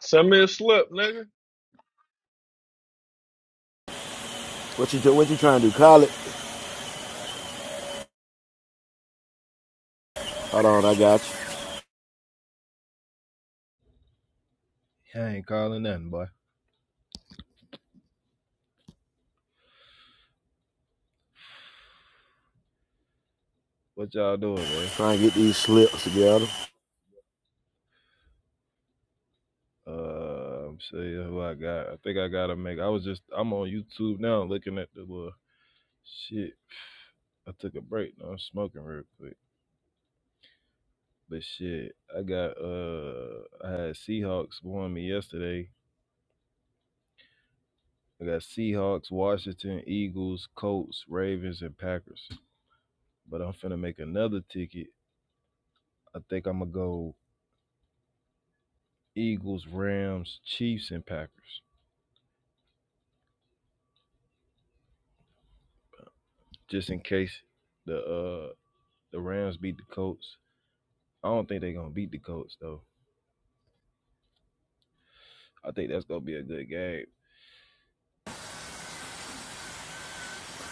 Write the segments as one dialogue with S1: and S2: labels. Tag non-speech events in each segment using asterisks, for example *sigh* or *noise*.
S1: Send me a slip, nigga.
S2: What you what you trying to do? Call it. Hold on, I got you.
S3: I ain't calling nothing, boy. What y'all doing, man?
S2: Try and get these slips together.
S3: Uh, I'm saying who I got. I think I gotta make. I was just. I'm on YouTube now, looking at the uh, shit. I took a break. Now I'm smoking real quick. But shit, I got. Uh, I had Seahawks won me yesterday. I got Seahawks, Washington, Eagles, Colts, Ravens, and Packers. But I'm finna make another ticket. I think I'm gonna go Eagles, Rams, Chiefs, and Packers, just in case the uh, The Rams beat the Colts. I don't think they're gonna beat the Colts though. I think that's gonna be a good game.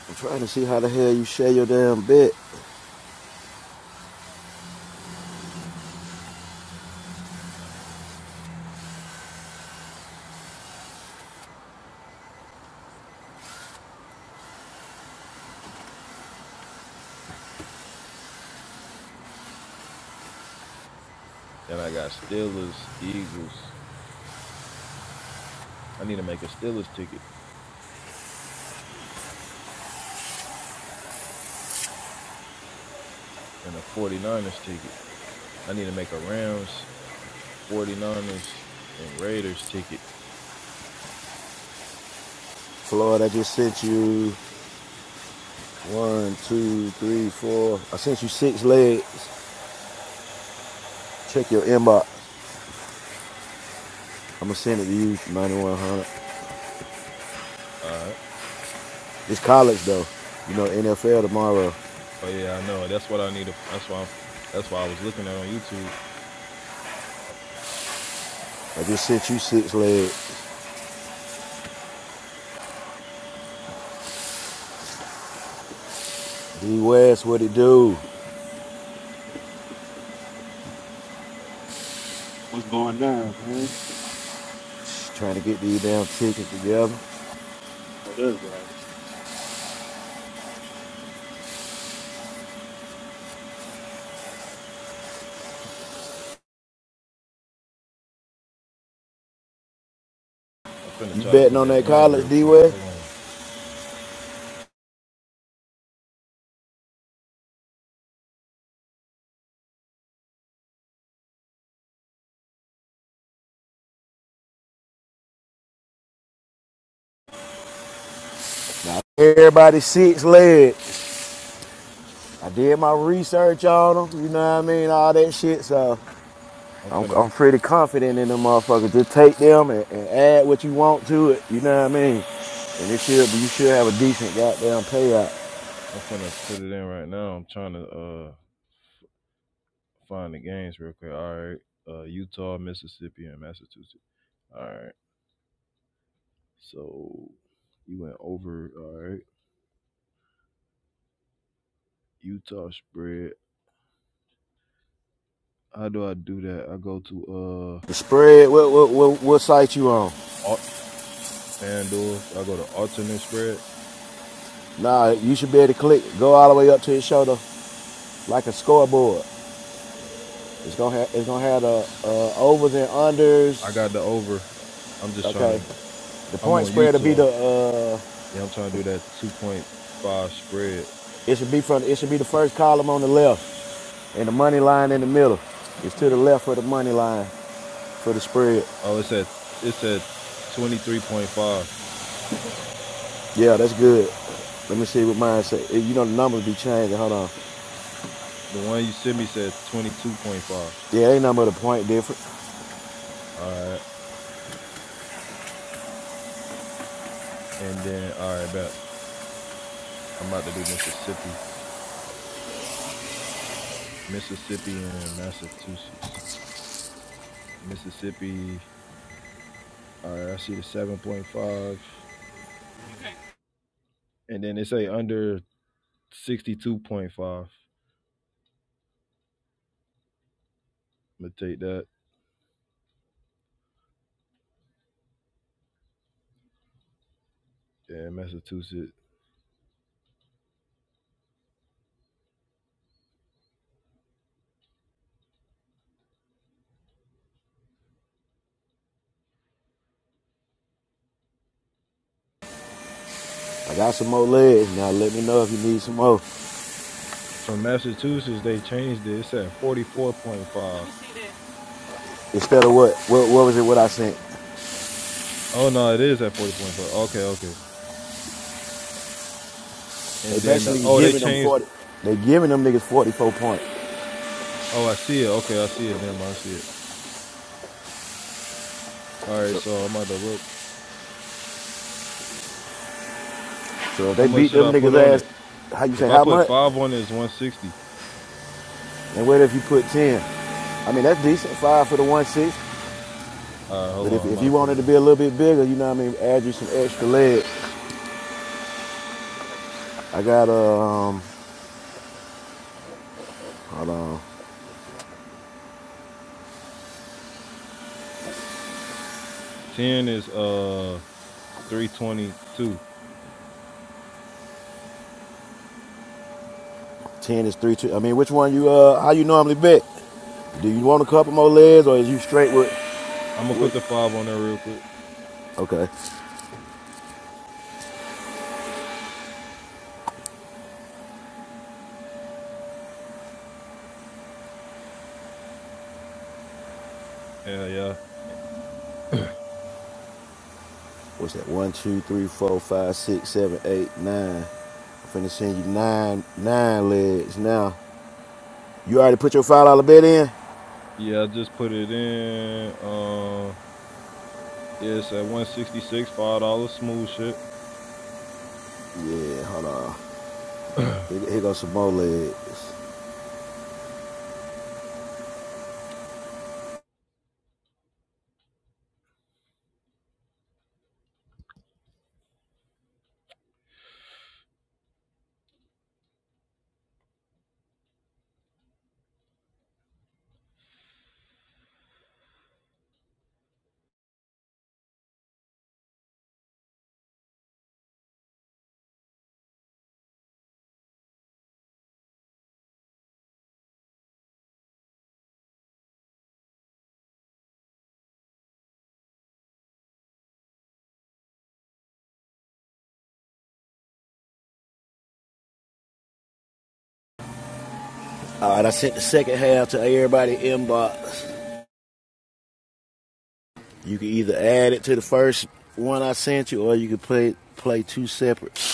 S2: I'm trying to see how the hell you share your damn bet.
S3: Then I got Steelers, Eagles. I need to make a Steelers ticket and a 49ers ticket. I need to make a Rams, 49ers, and Raiders ticket.
S2: Floyd, I just sent you one, two, three, four. I sent you six legs. Check your inbox. I'm gonna send it to you, 9100.
S3: Uh
S2: It's college though. You know, NFL tomorrow.
S3: oh yeah, I know. That's what I need to that's why I'm that's why I was looking at on YouTube.
S2: I just sent you six legs. D West, what it do?
S4: What's going on, man?
S2: Just trying to get these damn tickets together.
S4: Oh, that's right.
S3: I'm finna
S2: You
S3: try to
S2: betting
S3: put
S2: on
S3: that
S2: that
S3: in
S2: college,
S3: real
S2: D
S3: quick.
S2: West?
S3: Hold on.
S2: Everybody six legs. I did my research on them, you know what I mean, all that shit. So
S3: I'm
S2: I'm,
S3: finna
S2: I'm pretty confident in them motherfuckers. Just take them and, and add what you want to it, you know what I mean. And it should, you should have a decent goddamn payout.
S3: I'm finna put it in right now. I'm trying to uh find the games real quick. All right. Uh Utah, Mississippi, and Massachusetts. All right. So you went over. All right. Utah spread. How do I do that? I go to
S2: The
S3: uh
S2: spread, what what what, what site you on?
S3: Alt, FanDuel. I go to alternate spread.
S2: Nah, you should be able to click, go all the way up to his shoulder like a scoreboard. It's gonna have it's gonna have the uh, overs and
S3: I
S2: unders.
S3: got the over. I'm just
S2: Okay,
S3: trying to.
S2: the
S3: I'm
S2: point
S3: on
S2: spread will be
S3: Utah.
S2: the uh,
S3: Yeah, I'm trying to do that 2.5 spread.
S2: it should be from it should be the first column on the left. And the money line in the middle is to the left of the money line for the spread.
S3: Oh, it said it said 23.5.
S2: Yeah, that's good. Let me see what mine say. Eh, You know the numbers be changing. Hold on.
S3: The one you sent me said 22.5. All
S2: Yeah, ain't number the point different.
S3: right. And then all right, bet I'm about to do Mississippi, Mississippi and Massachusetts. Mississippi. All right, I see the seven point five, and then they say under sixty two point five. I'm gonna take that. Yeah, Massachusetts.
S2: I got some more legs. Now let me know if you need some more.
S3: From Massachusetts, they changed it. It's at forty four point five.
S2: Instead of what? What, what was it what I sent?
S3: Oh no, it is at forty point five. Okay, okay.
S2: They
S3: And then the,
S2: basically
S3: oh, they
S2: giving them
S3: changed.
S2: 40. They giving them niggas 44 points.
S3: Oh, I see it. Okay, I see it. Never mind, I see it. All right,
S2: So,
S3: so I'm about to look.
S2: so if
S3: How
S2: they
S3: much
S2: beat
S3: should
S2: them
S3: I put
S2: niggas
S3: on
S2: ass,
S3: it?
S2: how you say,
S3: If I
S2: how
S3: put
S2: much?
S3: five on it, it's one sixty.
S2: And what if you put 10? I mean, that's decent, five for the one six.
S3: All right,
S2: But
S3: hold
S2: if,
S3: on. I'm
S2: if
S3: about to
S2: you
S3: put
S2: wanted
S3: it
S2: to be
S3: on.
S2: a little bit bigger, you know what I mean, add you some extra legs. I got um, hold on,
S3: Ten is uh three twenty two.
S2: ten is three two. I mean, which one you uh, how you normally bet? Do you want a couple more legs, or is you straight with
S3: I'm gonna put the
S2: with?
S3: five on there real quick.
S2: Okay,
S3: Yeah, yeah.
S2: what's that? One, two, three, four, five, six, seven, eight, nine. I'm finna send you nine nine legs now. You already put your five dollar bet in?
S3: Yeah, I just put it in. Uh, yeah, it's at one sixty six, five dollars, smooth shit.
S2: Yeah, hold on.
S3: *clears throat* Hold
S2: Here, here goes some more legs. All right, I sent the second half to everybody inbox. You can either add it to the first one I sent you, or you can play play two separate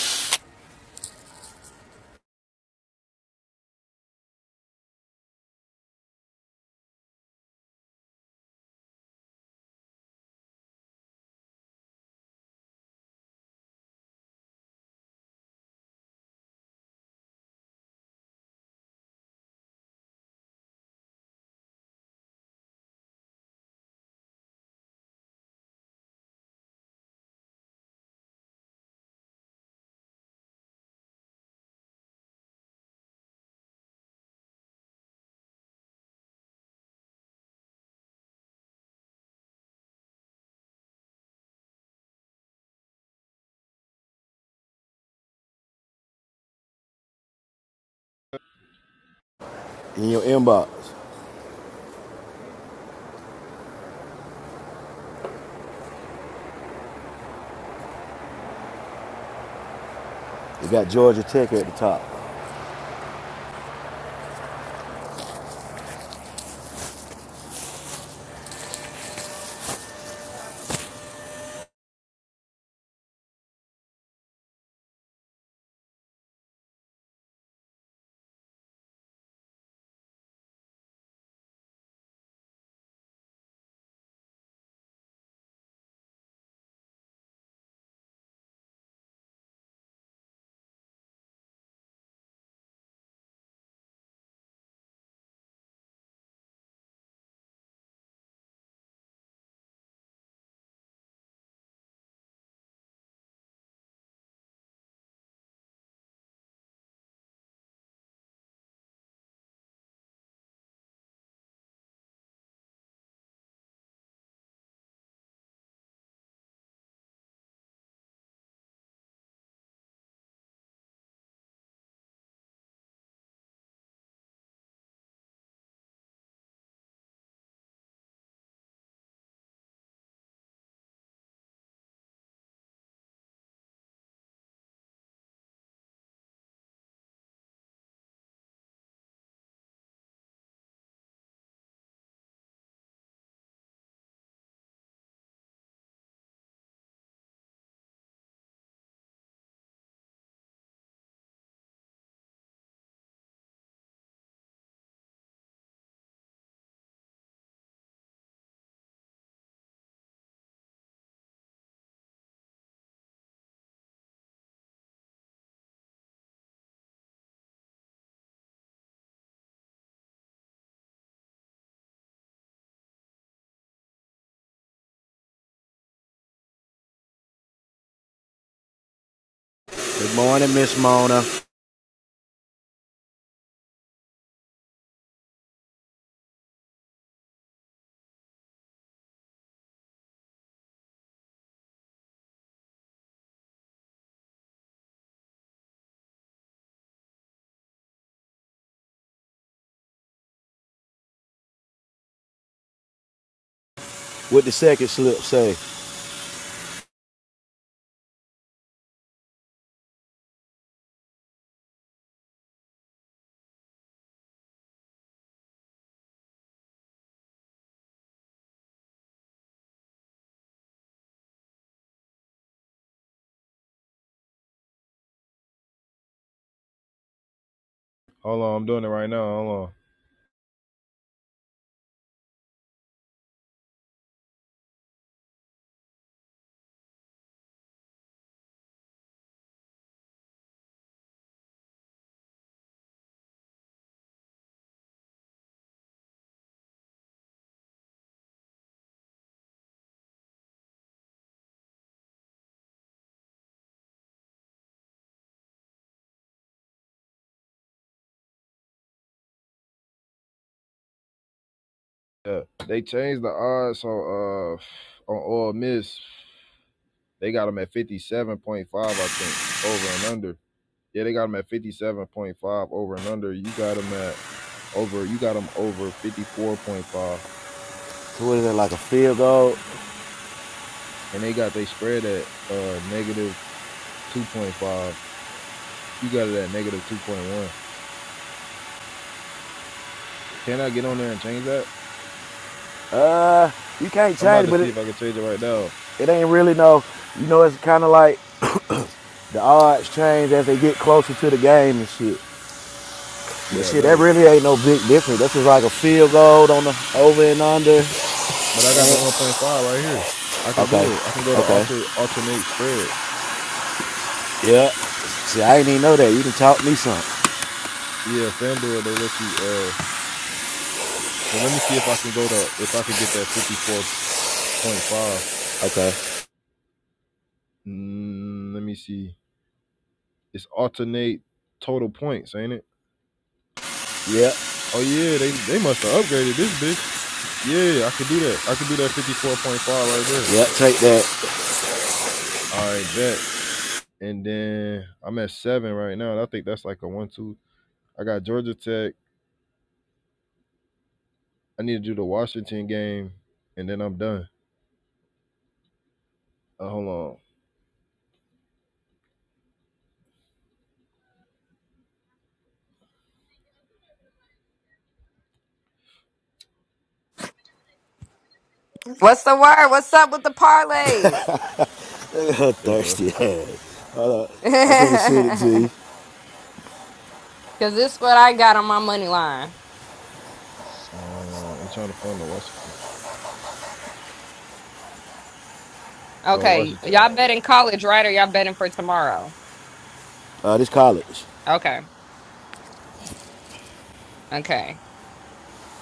S2: in your inbox. We got Georgia Tech at the top. Good morning, Miss Mona. What the second slip say?
S3: on, I'm doing it right now. Hold on. Yeah, they changed the odds on uh on all miss. They got them at fifty seven point five, I think, over and under. Yeah, they got them at fifty seven point five over and under. You got them at over. You got them over fifty four point five,
S2: So what is that, like a field goal?
S3: and they got they spread at uh negative two point five. You got it at negative two point one. Can I get on there and change that?
S2: Uh, you can't
S3: I'm about
S2: change it,
S3: to
S2: but
S3: see
S2: it,
S3: if I can change it right now.
S2: it ain't really no, you know, it's kind of like the odds change as they get closer to the game and shit. But
S3: Yeah,
S2: shit, that
S3: no.
S2: really ain't no big difference. That's just like a field goal on the over and under.
S3: But I got the
S2: And,
S3: 1.5 right here. I could do
S2: okay,
S3: it. I can go to
S2: okay,
S3: alter alternate spread.
S2: yeah. See, I didn't even know that. You done taught me something.
S3: Yeah, FanDuel they let you. Uh, so let me see if I can go to if I could get that 54.5.
S2: Okay,
S3: Mm, let me see. It's alternate total points, ain't it?
S2: yeah,
S3: Oh yeah, they they must have upgraded this bitch. Yeah, I could do that. I could do that 54.5 right there.
S2: yeah, take that.
S3: All right, bet. And then I'm at seven right now. and I think that's like a one two. I got Georgia Tech. I need to do the Washington game, and then I'm done. Uh, hold on.
S5: What's the word? What's up with the parlays?
S2: *laughs*
S3: It's a,
S2: Thirsty ass. I'm finna send it to you.
S5: *laughs* Cause this what I got on my money line.
S3: um, I'm trying to find the Washington. Oh,
S5: Okay.
S3: Washington. I
S5: Y'all betting college, right? Or y'all betting for tomorrow?
S2: Uh, this college.
S5: Okay. Okay.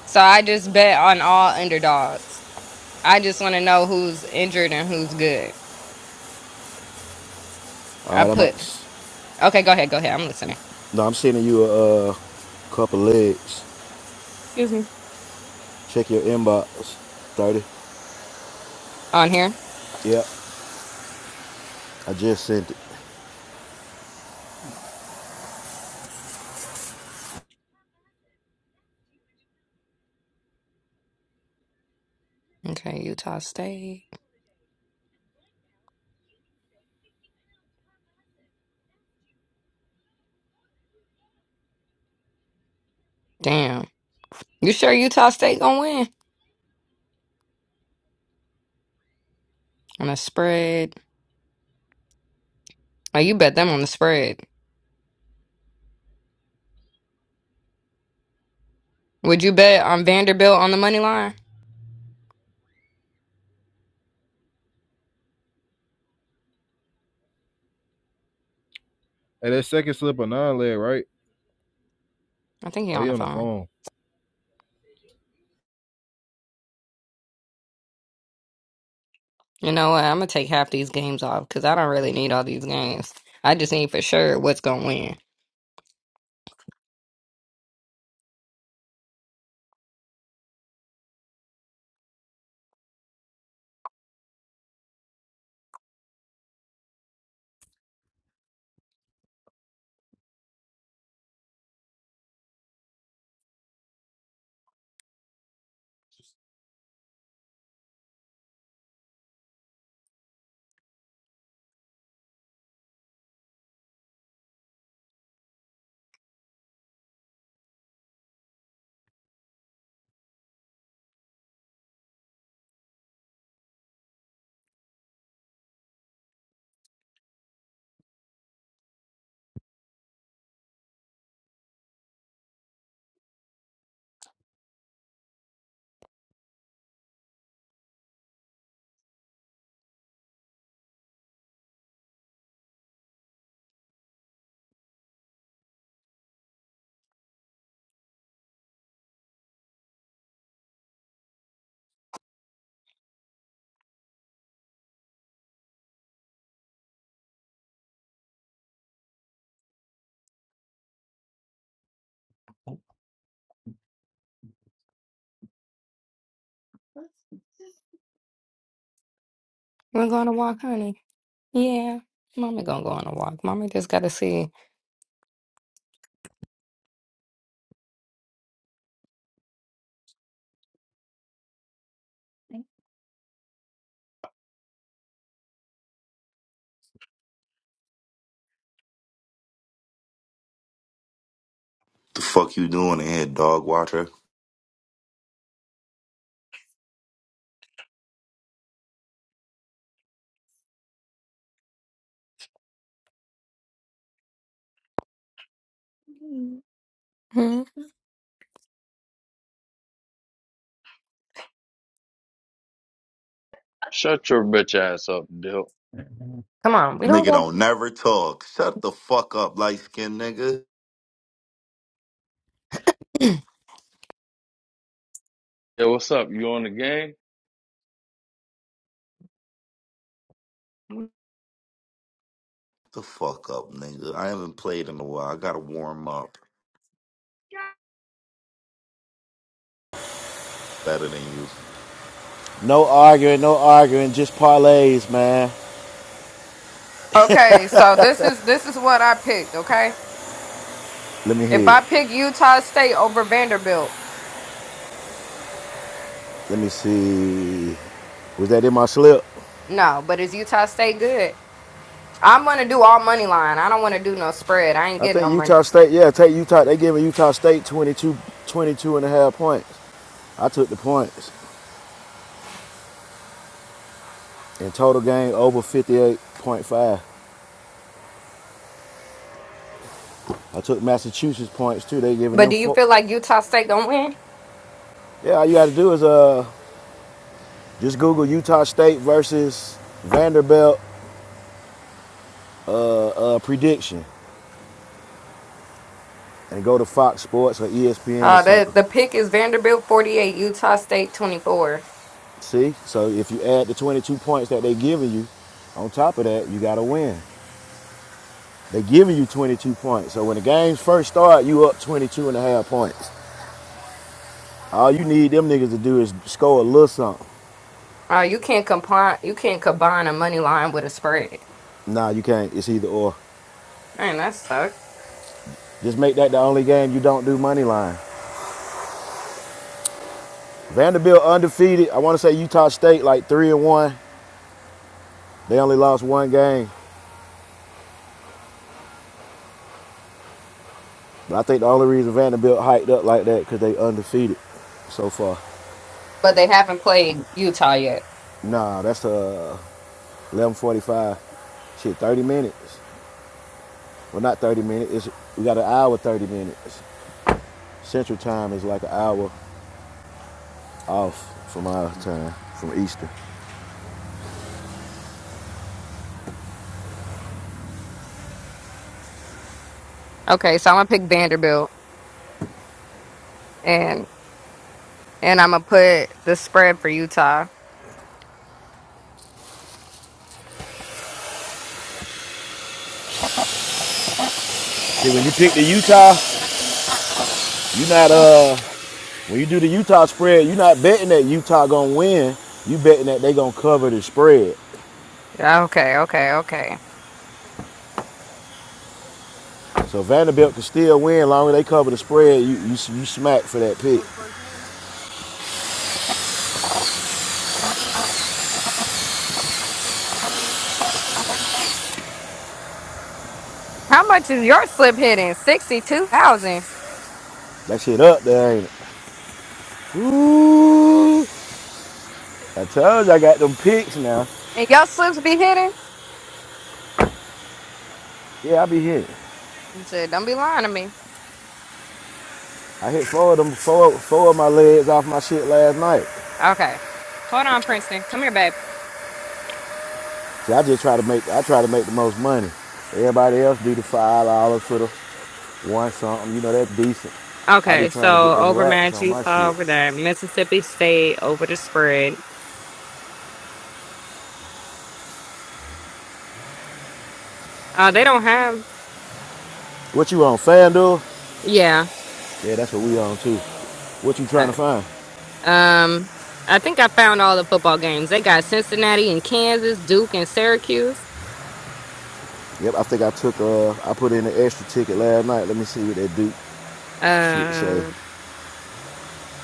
S5: So I just bet on all underdogs. I just want to know who's injured and who's good.
S2: All
S5: I
S2: right, I'm about to.
S5: put okay, go ahead, go ahead. I'm listening.
S2: No, I'm sending you a uh, couple legs.
S5: Excuse me.
S2: Check your inbox. Thirty.
S5: On here.
S2: Yep. I just sent it.
S5: Okay, Utah State. Damn. You sure Utah State gonna win? On a spread. Oh, you bet them on the spread. Would you bet on Vanderbilt on the money line?
S3: Hey, that second slip a nine leg, right?
S5: I think he
S3: Oh,
S5: on
S3: he
S5: the
S3: on the
S5: phone.
S3: phone.
S5: You know what? I'm gonna take half these games off because I don't really need all these games. I just need for sure what's gonna win. We're going to walk, honey. Yeah, mommy gonna go on a walk. Mommy just gotta see.
S6: The fuck you doing in here, dog watcher?
S5: Hmm?
S1: Shut your bitch ass up, Dip.
S5: Come on, we don't
S6: Nigga
S5: go.
S6: don't never talk. Shut the fuck up, light skinned nigga.
S1: Yo, what's up? You on the game?
S6: The fuck up, nigga. I haven't played in a while. I gotta warm up better than you.
S2: No arguing. No arguing. Just parlays, man.
S5: Okay, so this is this is what I picked. Okay,
S2: Let me
S5: if
S2: hear. It.
S5: I pick Utah State over Vanderbilt,
S2: Let me see. Was that in my slip?
S5: no, but is Utah State good? I'm gonna do all money line. I don't want to do no spread. I ain't
S2: I
S5: getting no
S2: think
S5: money.
S2: Utah State. Yeah, take Utah. They giving Utah State 22, 22 and a half points. I took the points. In total game over 58.5. I took Massachusetts points too. They giving
S5: But
S2: them
S5: do you
S2: four.
S5: feel like Utah State gonna win?
S2: Yeah, all you got to do is uh Just Google Utah State versus Vanderbilt uh, uh, prediction and go to Fox Sports or ESPN or
S5: Uh,
S2: something.
S5: that the pick is Vanderbilt 48, Utah State 24.
S2: See? So if you add the 22 points that they are giving you, on top of that, you got to win. They are giving you 22 points. So when the games first start, you up 22 and a half points. All you need them niggas to do is score a little something.
S5: Uh, you can't combine you can't combine a money line with a spread.
S2: Nah, you can't. It's either or.
S5: Man, that sucks.
S2: Just make that the only game you don't do money line. Vanderbilt undefeated. I want to say Utah State like three and one. They only lost one game. But I think the only reason Vanderbilt hiked up like that because they undefeated so far.
S5: But they haven't played Utah yet.
S2: Nah, that's uh 11:45. Shit, 30 minutes. Well, not 30 minutes. It's, we got an hour 30 minutes. Central time is like an hour off from our time, from Eastern.
S5: Okay, so I'm gonna pick Vanderbilt and and I'm gonna put the spread for Utah.
S2: See, when you pick the Utah, you not uh when you do the Utah spread, you not betting that Utah gonna win. You betting that they gonna cover the spread.
S5: Okay, okay, okay.
S2: So Vanderbilt can still win as long as they cover the spread. You you, you smack for that pick.
S5: How much is your slip hitting? Sixty two thousand.
S2: That shit up there, ain't it? Ooh, I told you I got them picks now.
S5: And your slips be hitting?
S2: Yeah, I be hit.
S5: He said, Don't be lying to me.
S2: I hit four of them, four, four of my legs off my shit last night.
S5: Okay. Hold on, Princeton. Come here, babe.
S2: See, I just try to make, I try to make the most money. Everybody else do the five dollars for the one something. You know that's decent. I be
S5: Okay,
S2: trying to get
S5: so
S2: them racks
S5: overmatch
S2: on
S5: you
S2: my shit.
S5: over there. Mississippi State over the spread. Uh they don't have
S2: What you on FanDuel?
S5: yeah.
S2: Yeah, that's what we on too. What you trying
S5: Uh,
S2: to find?
S5: um I think I found all the football games. They got Cincinnati and Kansas, Duke and Syracuse.
S2: Yep, I think I took, uh, I put in an extra ticket last night. Let me see what that do. Shit say.
S5: Uh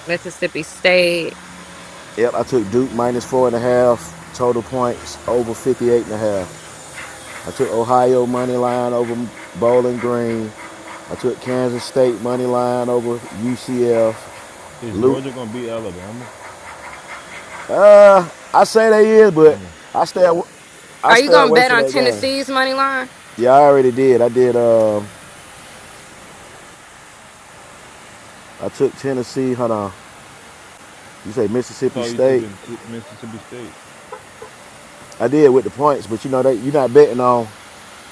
S5: Mississippi State.
S2: Yep, I took Duke minus four and a half, total points over 58 and a half. I took Ohio money line over Bowling Green. I took Kansas State money line over UCF.
S3: Is
S2: Luke,
S3: Georgia gonna beat Alabama?
S2: uh, I say they is, but
S3: Alabama.
S2: I stay I
S5: Are you
S2: stay
S5: gonna
S2: away
S5: bet
S2: from
S5: on
S2: that game.
S5: Tennessee's money line?
S2: Yeah, I already did. I did. Uh, I took Tennessee. Hold on. You say
S3: I
S2: Mississippi
S3: thought you took
S2: State?
S3: it to Mississippi State.
S2: I did with the points, but you know they you're not betting on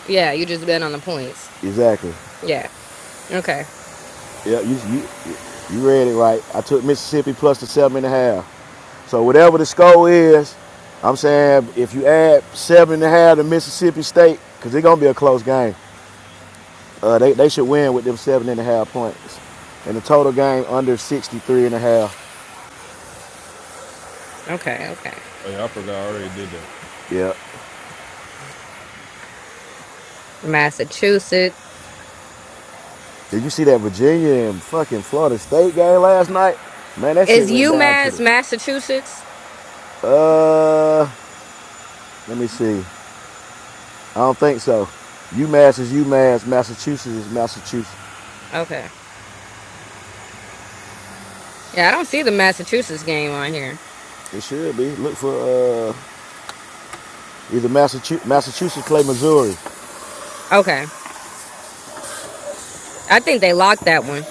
S5: Yeah, you just bet on the points.
S2: exactly.
S5: Yeah. Okay.
S2: Yeah, you you you read it right. I took Mississippi plus the seven and a half. So whatever the score is, I'm saying if you add seven and a half to Mississippi State, because it's gonna be a close game. Uh, they they should win with them seven and a half points, and the total game under sixty three and a half.
S5: Okay. Okay.
S3: Oh yeah, I forgot. I already did that.
S2: Yeah.
S5: Massachusetts.
S2: Did you see that Virginia and fucking Florida State game last night? Man, that shit
S5: Is
S2: went down to the.
S5: UMass Massachusetts?
S2: Uh, let me see. I don't think so. UMass is UMass. Massachusetts is Massachusetts.
S5: Okay. Yeah, I don't see the Massachusetts game on here.
S2: It should be. Look for uh, either Massachusetts, Massachusetts play Missouri.
S5: Okay. I think they locked that one.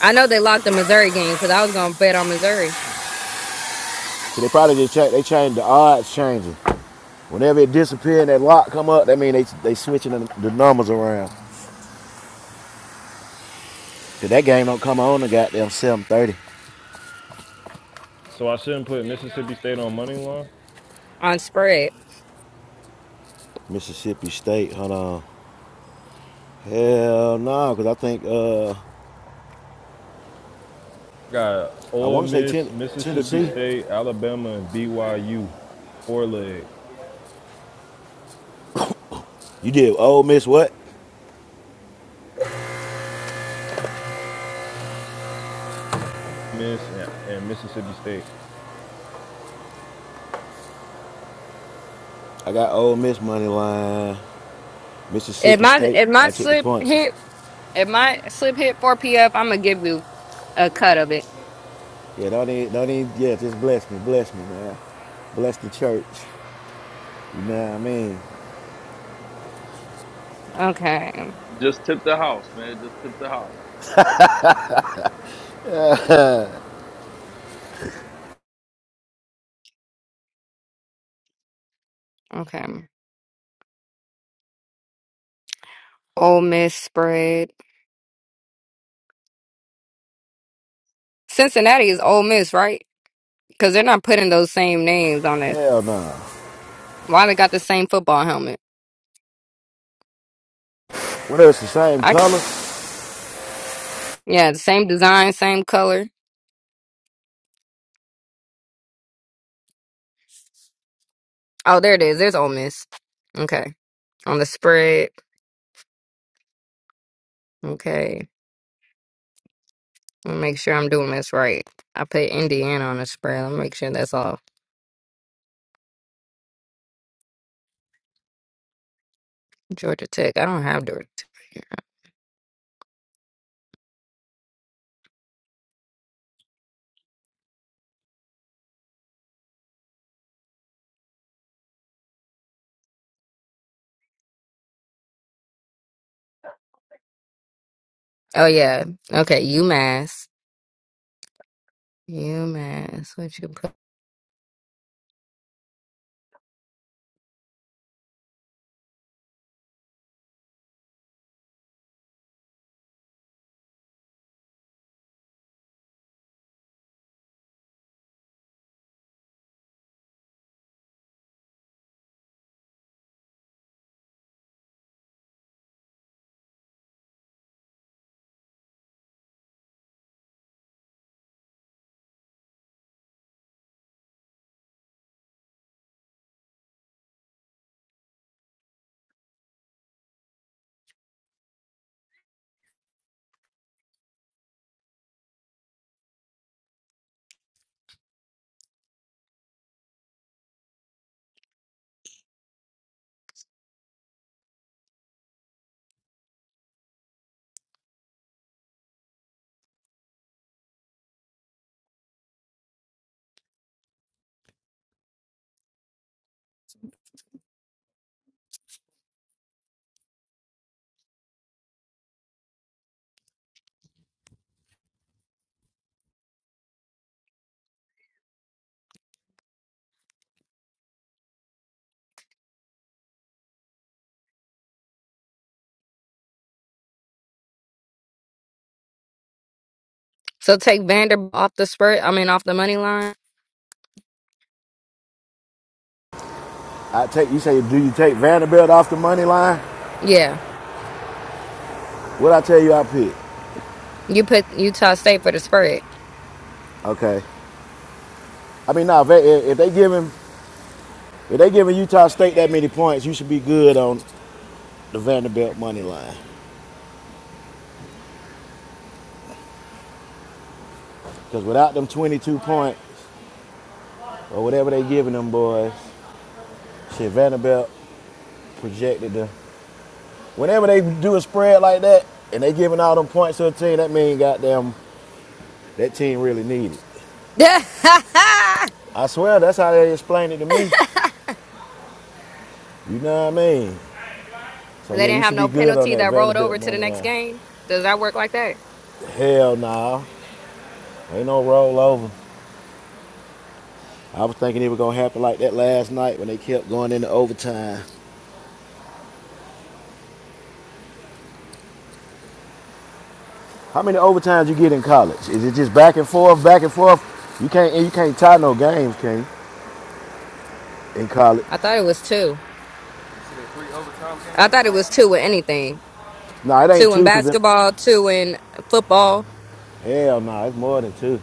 S5: I know they locked the Missouri game because I was gonna bet on Missouri
S2: So they probably just check. They change the odds changing. Whenever it disappear and that lock come up, that mean they they switching the, the numbers around. Cause that game don't come on the goddamn seven thirty.
S3: So I shouldn't put Mississippi State on money line.
S5: on spread.
S2: Mississippi State. Hold on. Hell no, nah, cause I think uh
S3: I got
S2: I
S3: Ole
S2: want to say
S3: Miss,
S2: ten,
S3: Mississippi
S2: Tennessee.
S3: State, Alabama, and BYU. Four leg.
S2: You did Ole Miss what?
S3: Miss and, and Mississippi State.
S2: I got Ole Miss money line.
S5: If
S2: Mississippi
S5: my
S2: State.
S5: if my
S2: I took the
S5: slip
S2: points.
S5: hit if my slip hit four PF, I'm gonna give you a cut of it.
S2: Yeah, don't even don't even yeah. Just bless me, bless me, man. Bless the church. You know what I mean?
S5: Okay.
S1: Just tip the house, man. Just tip the house.
S5: Okay. Ole Miss spread. Cincinnati is Ole Miss, right? Because they're not putting those same names on it.
S2: Hell no. Nah.
S5: Why they got the same football helmet?
S2: Whenever it's the same
S5: I
S2: color.
S5: yeah, the same design, same color. Oh, there it is. There's Ole Miss. Okay, on the spread. Okay, let me make sure I'm doing this right. I put Indiana on the spread. Let me make sure that's all. Georgia Tech. I don't have Georgia Tech right here. Oh yeah. Okay, UMass. UMass. What you put? So take Vanderbilt off the spread. I mean, off the money line.
S2: I take you say, do you take Vanderbilt off the money line?
S5: Yeah,
S2: What I tell you, I pick.
S5: you put Utah State for the spread.
S2: Okay. I mean, now nah, if they, if they giving if they giving Utah State that many points, you should be good on the Vanderbilt money line. Because without them 22 points or whatever they giving them boys, shit, Vanderbilt projected them. Whenever they do a spread like that and they giving all them points to a team, that mean goddamn that team really needed.
S5: *laughs* they
S2: I swear that's how they explained it to me. You know what I mean? So yeah, you
S5: didn't have
S2: should be
S5: no
S2: good on
S5: penalty
S2: that
S5: that rolled over
S2: Vanderbilt
S5: to the
S2: money
S5: next
S2: line.
S5: game. Does that work like that?
S2: Hell no. nah. Ain't no rollover. I was thinking it was gonna happen like that last night when they kept going into overtime. How many overtimes you get in college? Is it just back and forth, back and forth? You can't you can't tie no games, can you, in college?
S5: I thought it was two. I thought it was two with anything.
S2: No, nah, it ain't
S5: Two in
S2: two, cause
S5: basketball, two in football.
S2: hell no, nah, it's more than two.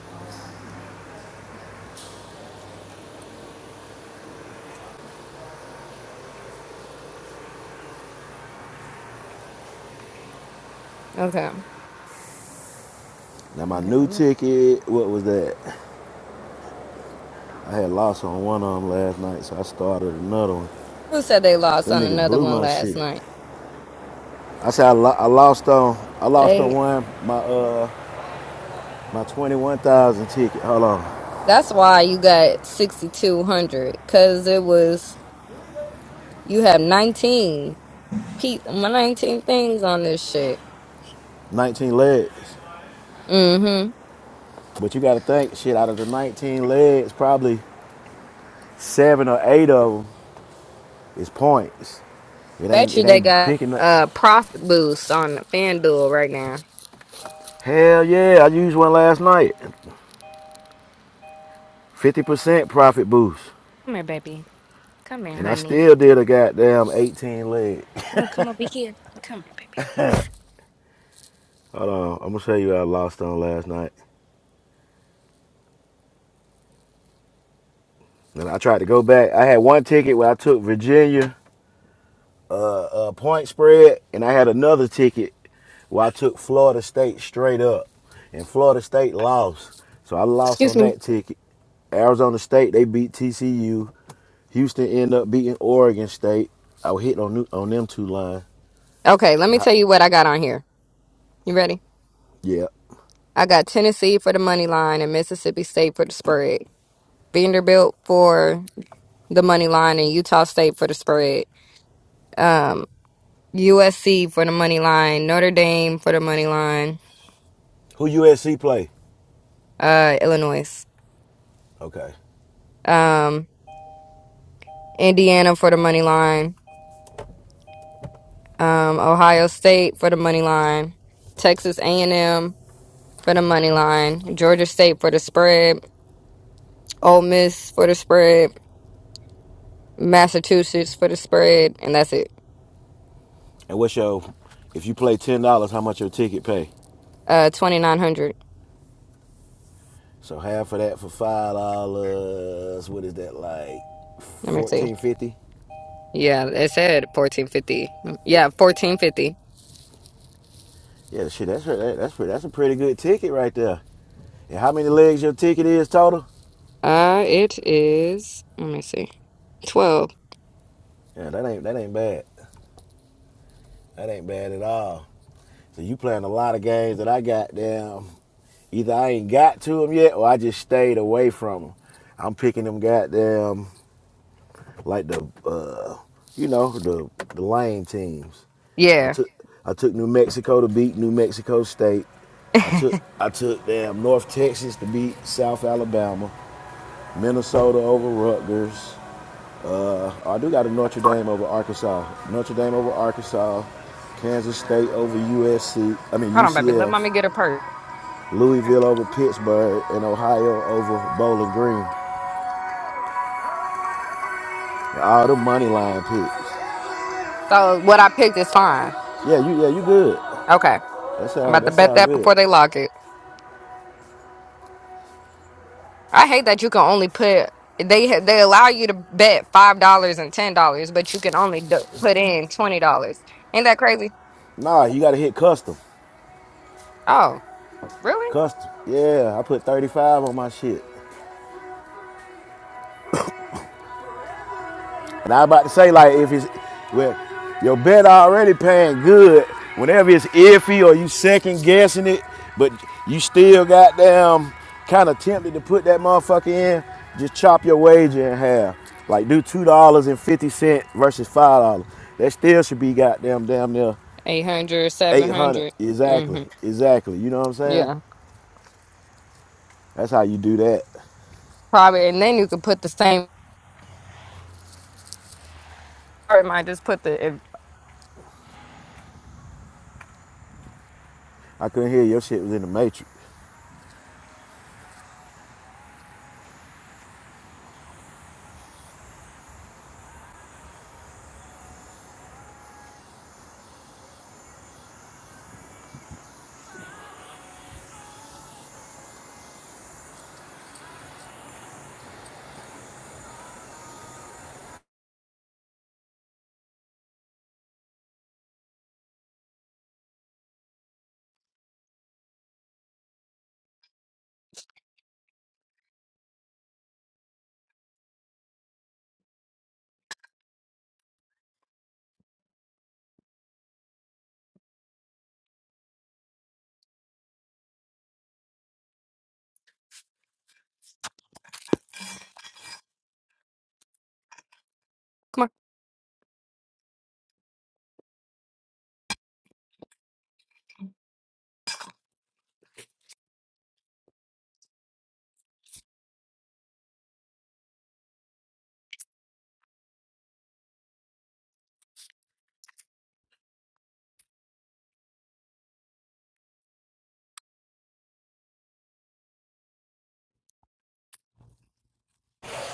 S5: Okay.
S2: Now my
S5: okay
S2: new
S5: let me-
S2: ticket, what was that? I had lost on one of them last night, so I started another one.
S5: Who said they lost
S2: Them
S5: on
S2: niggas
S5: another
S2: blew
S5: one
S2: my
S5: last
S2: shit.
S5: night?
S2: I said I, lo- I lost on I lost on
S5: They.
S2: one my uh my twenty one thousand ticket. Hold on,
S5: That's why you got 6,200 because it was, you have 19, pe- my 19 things on this shit.
S2: nineteen legs.
S5: Mm hmm.
S2: But you got to think, shit, out of the 19 legs, probably seven or eight of them is points. It ain't,
S5: Bet
S2: it
S5: you they
S2: ain't
S5: got
S2: picking up.
S5: a profit boost on FanDuel right now.
S2: Hell yeah, I used one last night. 50% profit boost.
S5: Come here, baby. Come here,
S2: And I
S5: honey.
S2: still did a goddamn 18 leg.
S5: You wanna come over here? Come here, baby.
S2: Uh, I'm going to tell you what I lost on last night. And I tried to go back. I had one ticket where I took Virginia a point spread, and I had another ticket where I took Florida State straight up, and Florida State lost. So I lost
S5: Excuse
S2: on
S5: me.
S2: that ticket. Arizona State they beat TCU. Houston ended up beating Oregon State. I was hitting on on them two line.
S5: Okay, let
S2: And
S5: me
S2: I,
S5: tell you what I got on here. You ready?
S2: yeah.
S5: I got Tennessee for the money line and Mississippi State for the spread. Vanderbilt for the money line and Utah State for the spread. Um, USC for the money line, Notre Dame for the money line,
S2: Who USC play?
S5: uh, Illinois.
S2: Okay.
S5: Um, Indiana for the money line, um, Ohio State for the money line, Texas A&M for the money line, Georgia State for the spread, Ole Miss for the spread, Massachusetts for the spread, and that's it.
S2: And what's your? If you play ten dollars, how much your ticket pay?
S5: Uh, twenty nine hundred.
S2: So half of that for five dollars. What is that like?
S5: Let me see.
S2: Fourteen fifty.
S5: Yeah, it said fourteen fifty. Yeah, fourteen fifty.
S2: Yeah, shit, that's that, that's pretty, that's a pretty good ticket right there. And how many legs your ticket is total?
S5: Uh, it is. Let me see. Twelve.
S2: Yeah, that ain't that ain't bad. That ain't bad at all. So you playing a lot of games that I got down. Either I ain't got to them yet, or I just stayed away from them. I'm picking them goddamn like the uh, you know the the lame teams. I
S5: Yeah.
S2: took I took New Mexico to beat New Mexico State.
S5: *laughs*
S2: I took
S5: Hold
S2: I took damn North Texas to beat South Alabama, Minnesota over Rutgers. Uh, I do got a Notre Dame over Arkansas. Notre Dame over Arkansas. Kansas State over USC. I mean
S5: on, baby. Let
S2: UCF.
S5: mommy get her purse.
S2: Louisville over Pittsburgh and Ohio over Bowling Green. All the money line picks.
S5: So what I picked is fine.
S2: Yeah, you yeah you good.
S5: Okay,
S2: That
S5: I'm
S2: sound
S5: about to
S2: that
S5: bet
S2: sound
S5: that
S2: good.
S5: before they lock it. I hate that you can only put they they allow you to bet five dollars and ten dollars, but you can only do, put in twenty dollars. Ain't that crazy?
S2: Nah, you gotta hit custom.
S5: Oh, really?
S2: Custom. Yeah, I put 35 on my shit. And I was about to say, like, if it's well, your bet already paying good. Whenever it's iffy or you second guessing it, but you still got damn kind of tempted to put that motherfucker in, just chop your wager in half. Like do two dollars and fifty cent versus five dollars. That still should be goddamn damn near
S5: Eight hundred, seven
S2: eight hundred.
S5: hundred. 700.
S2: Exactly. Exactly. You know what I'm
S5: Mm-hmm.
S2: saying?
S5: Yeah,
S2: That's how you do that.
S5: probably. And then you could put the same. Or it might just put the. If,
S2: I couldn't hear your shit was in the matrix.
S5: come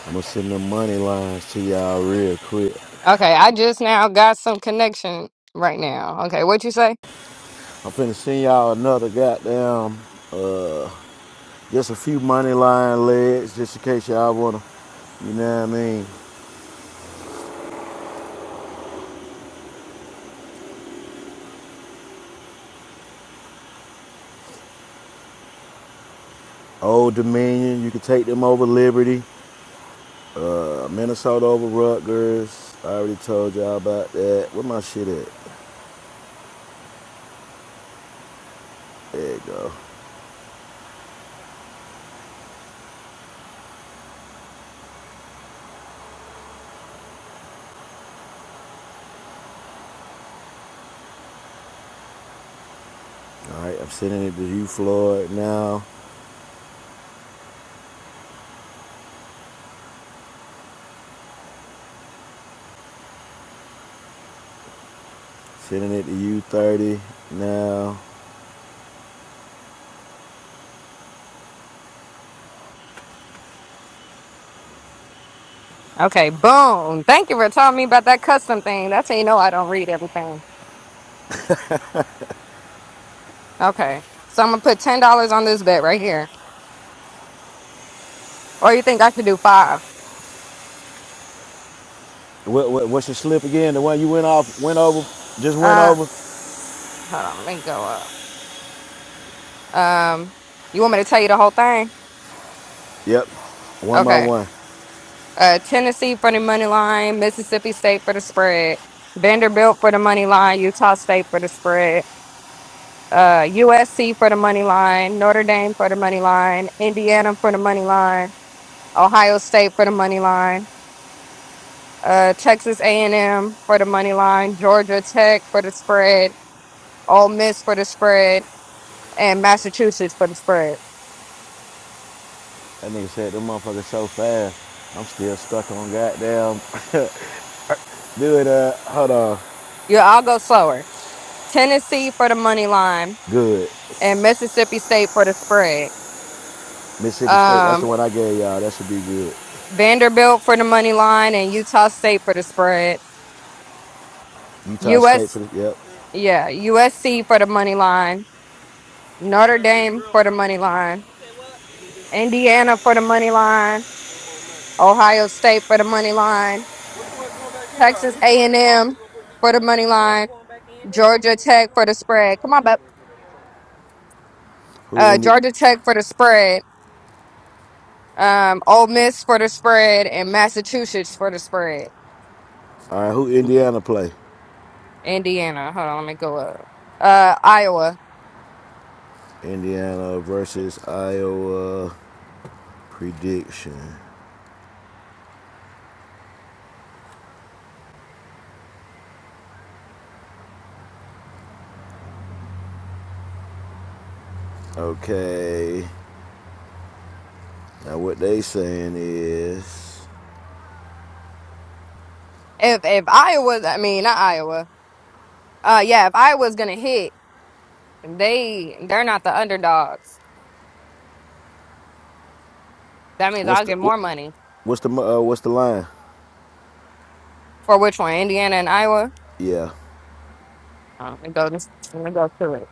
S2: I'm gonna send them money lines to y'all real quick.
S5: on. Okay, I just now got some connection right now. Okay, what you say?
S2: I'm finna send y'all another goddamn, just a few money line legs, just in case y'all wanna, you know what I mean? Old Dominion, you can take them over Liberty, uh, Minnesota over Rutgers. I already told y'all about that. Where my shit at? There you go. All right, I'm sending it to you, Floyd, now. Sending it to you, 30, now.
S5: Okay, boom. Thank you for telling me about that custom thing. That's how you know I don't read everything. Okay, so I'm gonna put ten dollars on this bet right here. Or you think I could do five?
S2: What, what, what's your slip again? The one you went off, went over, just went
S5: Uh,
S2: over?
S5: Hold on, let me go up. Um, you want me to tell you the whole thing?
S2: Yep, one by
S5: Okay.
S2: one.
S5: Uh, Tennessee for the money line, Mississippi State for the spread, Vanderbilt for the money line, Utah State for the spread, uh, USC for the money line, Notre Dame for the money line, Indiana for the money line, Ohio State for the money line, uh, Texas A&M for the money line, Georgia Tech for the spread, Ole Miss for the spread, and Massachusetts for the spread.
S2: That nigga said them motherfuckers so fast. I'm still stuck on goddamn. *laughs* Do it. Uh, hold on.
S5: Yeah, I'll go slower. Tennessee for the money line
S2: Good.
S5: and Mississippi State for the spread.
S2: Mississippi State. That's the
S5: Um,
S2: one I gave y'all. That should be good.
S5: Vanderbilt for the money line and Utah State for the spread.
S2: Utah State for
S5: US,
S2: the. Yep.
S5: yeah, USC for the money line. Notre Dame for the money line. Indiana for the money line. Ohio State for the money line. Texas A&M for the money line. Georgia Tech for the spread. Come on, bub.
S2: Who
S5: Uh,
S2: Indi-
S5: Georgia Tech for the spread. Um, Ole Miss for the spread and Massachusetts for the spread.
S2: All right. Who Indiana play?
S5: Indiana. Hold on, let me go up. Uh, Iowa.
S2: Indiana versus Iowa. Prediction. Okay. Now what they saying is,
S5: If if Iowa's, I mean, not Iowa. Uh, yeah, if Iowa's gonna hit, they they're not the underdogs. That means
S2: what's
S5: I'll
S2: the
S5: get
S2: what,
S5: more money
S2: what's the uh, what's the line?
S5: for which one, Indiana and Iowa.
S2: Yeah.
S5: Oh, let me go. Let me go to it.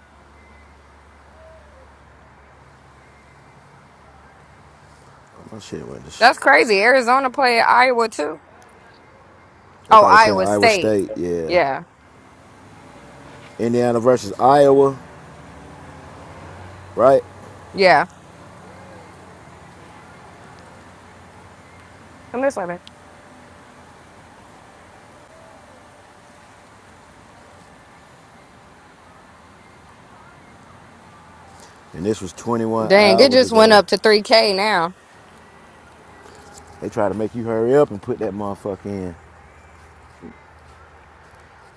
S2: My shit went.
S5: That's crazy. Arizona played Iowa too.
S2: they
S5: Oh,
S2: probably playing
S5: Iowa
S2: Iowa
S5: State.
S2: State. Yeah.
S5: Yeah,
S2: Indiana versus Iowa. Right.
S5: yeah. Come this way, man.
S2: And this was 21
S5: Dang, it
S2: hours
S5: just went
S2: ago.
S5: up to three K now.
S2: They try to make you hurry up and put that motherfucker in.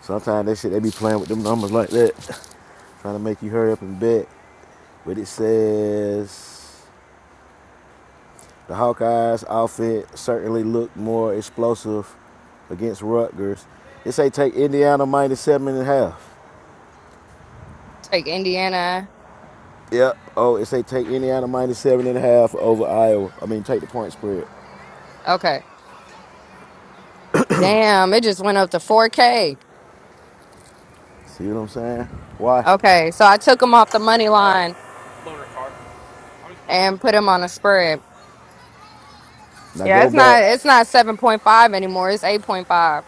S2: Sometimes that shit, they be playing with them numbers like that, *laughs* trying to make you hurry up and bet. But it says the Hawkeyes outfit certainly looked more explosive against Rutgers. It say take Indiana minus seven and a half.
S5: Take Indiana.
S2: Yep. Oh, it say take Indiana minus seven and a half over Iowa. I mean, take the point spread.
S5: Okay. Damn, it just went up to four K.
S2: See what I'm saying? Watch.
S5: Okay, so I took them off the money line and put him on a spread.
S2: Now
S5: Yeah,
S2: go
S5: it's
S2: back.
S5: not it's not seven point five anymore. It's eight point five.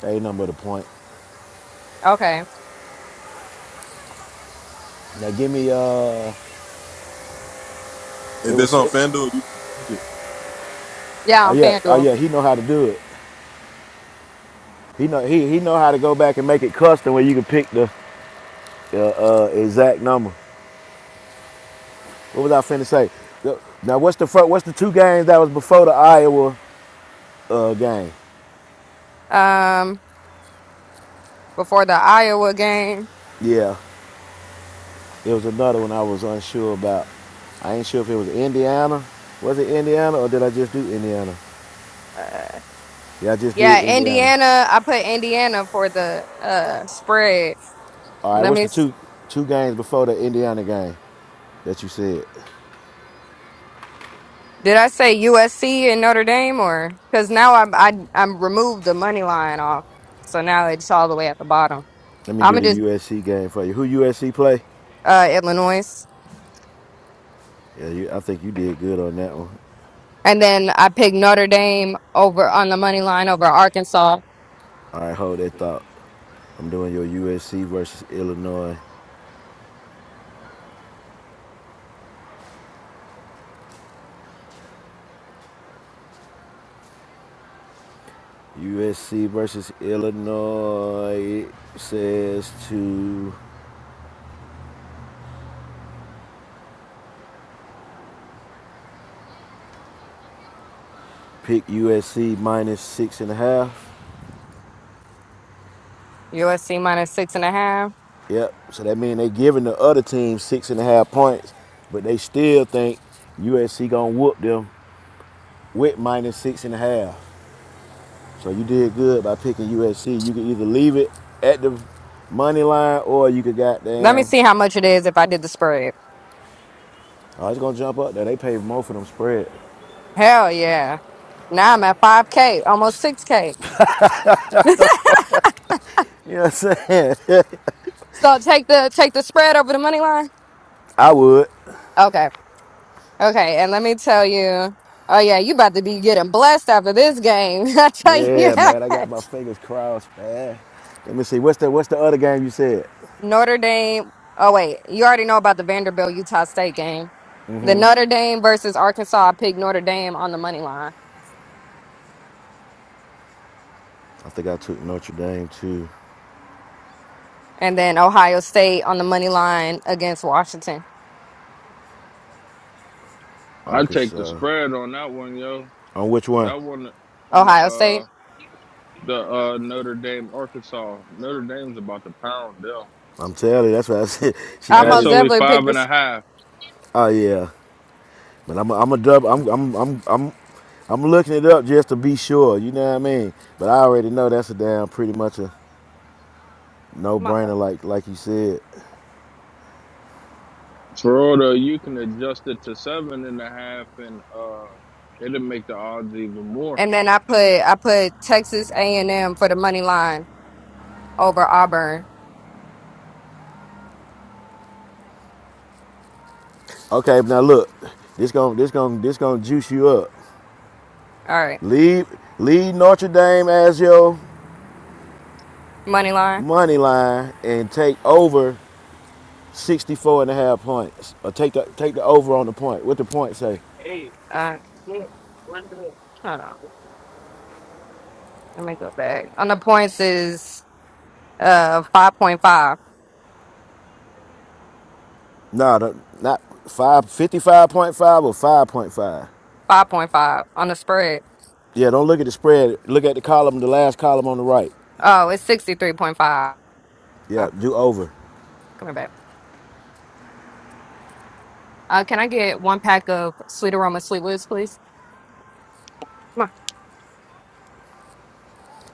S2: That ain't nothing but a point.
S5: Okay.
S2: Now give me uh It was sick.
S5: Yeah,
S2: Oh
S5: on
S2: yeah, oh
S5: FanDuel.
S2: yeah, he know how to do it. He know he he know how to go back and make it custom where you can pick the uh, uh, exact number. What was I finna say? Now what's the fir- what's the two games that was before the Iowa uh, game?
S5: Um, before the Iowa game.
S2: Yeah, it was another one I was unsure about. I ain't sure if it was Indiana. Was it Indiana or did I just do Indiana?
S5: Uh,
S2: Yeah, I just did
S5: yeah,
S2: Indiana.
S5: Indiana. I put Indiana for the uh spread.
S2: All right,
S5: Let
S2: what's
S5: me.
S2: the
S5: s-
S2: two two games before the Indiana game that you said?
S5: Did I say USC and Notre Dame or? Because now I'm I I'm removed the money line off, so now it's all the way at the bottom.
S2: Let me
S5: I'm
S2: do
S5: gonna
S2: the
S5: just
S2: USC game for you. Who USC play?
S5: uh Illinois.
S2: Yeah, you, I think you did good on that one.
S5: And then I picked Notre Dame over on the money line over Arkansas.
S2: All right, hold that thought. I'm doing your USC versus Illinois. USC versus Illinois It says to pick USC minus six and a half.
S5: USC minus six and a half.
S2: Yep. So that means they giving the other team six and a half points, but they still think USC gonna whoop them with minus six and a half. So you did good by picking USC. You can either leave it at the money line or you could
S5: Let me
S2: goddamn
S5: see how much it is if I did the spread.
S2: I was gonna jump up there. They pay more for them spread.
S5: Hell yeah. Now I'm at 5K, almost 6K. *laughs*
S2: You know what I'm saying?
S5: So take the take the spread over the money line.
S2: *laughs* I would.
S5: Okay. Okay. And let me tell you. Oh yeah, you about to be getting blessed after this game. *laughs* I tell you
S2: Yeah, man. I
S5: that.
S2: got my fingers crossed, man. Let me see. What's the What's the other game you said?
S5: Notre Dame. Oh wait, you already know about the Vanderbilt Utah State game. The Notre Dame versus Arkansas. I picked Notre Dame on the money line,
S2: I think I took Notre Dame to
S5: and then Ohio State on the money line against Washington.
S1: I take the
S2: Arkansas.
S1: spread on that one, yo.
S2: On which one?
S1: That one on the
S5: Ohio
S1: uh
S5: State.
S1: the uh Notre Dame, Arkansas. Notre Dame's about to pound them,
S2: I'm telling you. That's what I said. *laughs* She
S5: I
S1: and
S2: might.
S1: it's
S5: most
S2: As,
S1: only
S5: definitely picked
S1: five and
S5: this.
S1: a half.
S2: oh yeah. But I'm a, I'm a double. I'm I'm I'm I'm I'm looking it up just to be sure. You know what I mean? But I already know that's a damn pretty much a no brainer. Like like you said.
S1: Florida, you can adjust it to seven and a half, and uh, it'll make the odds even more.
S5: And then I put I put Texas A and M for the money line over Auburn.
S2: Okay. Now look. This gon' this gon' this gonna juice you up.
S5: All right.
S2: Leave leave Notre Dame as your
S5: Money line.
S2: money line and take over 64 and a half points. Or take the take the over on the point. What the point say?
S5: Uh, Shit. Hold on. Let me go back. On the points is uh 5.5.
S2: No, the, not five fifty-five point five or 5.5.
S5: 5.5 on the spread.
S2: Yeah, don't look at the spread. Look at the column, the last column on the right.
S5: Oh, it's 63.5.
S2: Yeah,
S5: Come
S2: do over.
S5: here, babe. Uh, can I get one pack of Sweet Aroma Sweet Woods, please? Come on.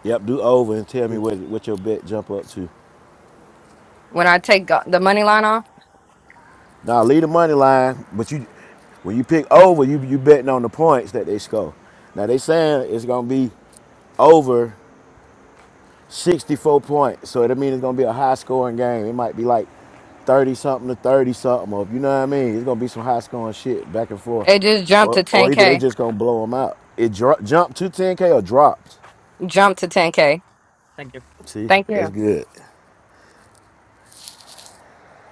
S2: Yep, do over and tell me what, what your bet jump up to.
S5: When I take go- the money line off,
S2: Now leave the money line, but you when you pick over, you you betting on the points that they score. Now they saying it's gonna be over 64 points. So that means it's gonna be a high scoring game. It might be like 30 something to 30 something, or you know what I mean? It's gonna be some high scoring shit back and forth.
S5: it just jumped
S2: Or,
S5: to
S2: or either they
S5: 10K.
S2: just gonna blow them out. It dro- jumped to 10K or dropped.
S5: Jumped to 10K. Thank you.
S2: See,
S5: Thank
S2: that's
S5: you.
S2: good.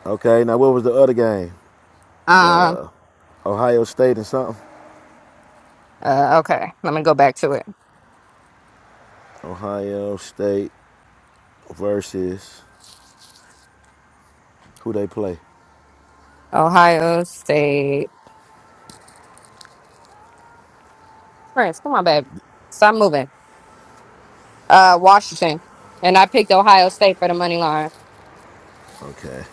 S2: Okay, now what was the other game?
S5: Um,
S2: Ohio State and something?
S5: uh, okay, let me go back to it.
S2: Ohio State versus who they play.
S5: Ohio State. France, come on, baby. Stop moving. Uh, Washington. And I picked Ohio State for the money line.
S2: Okay.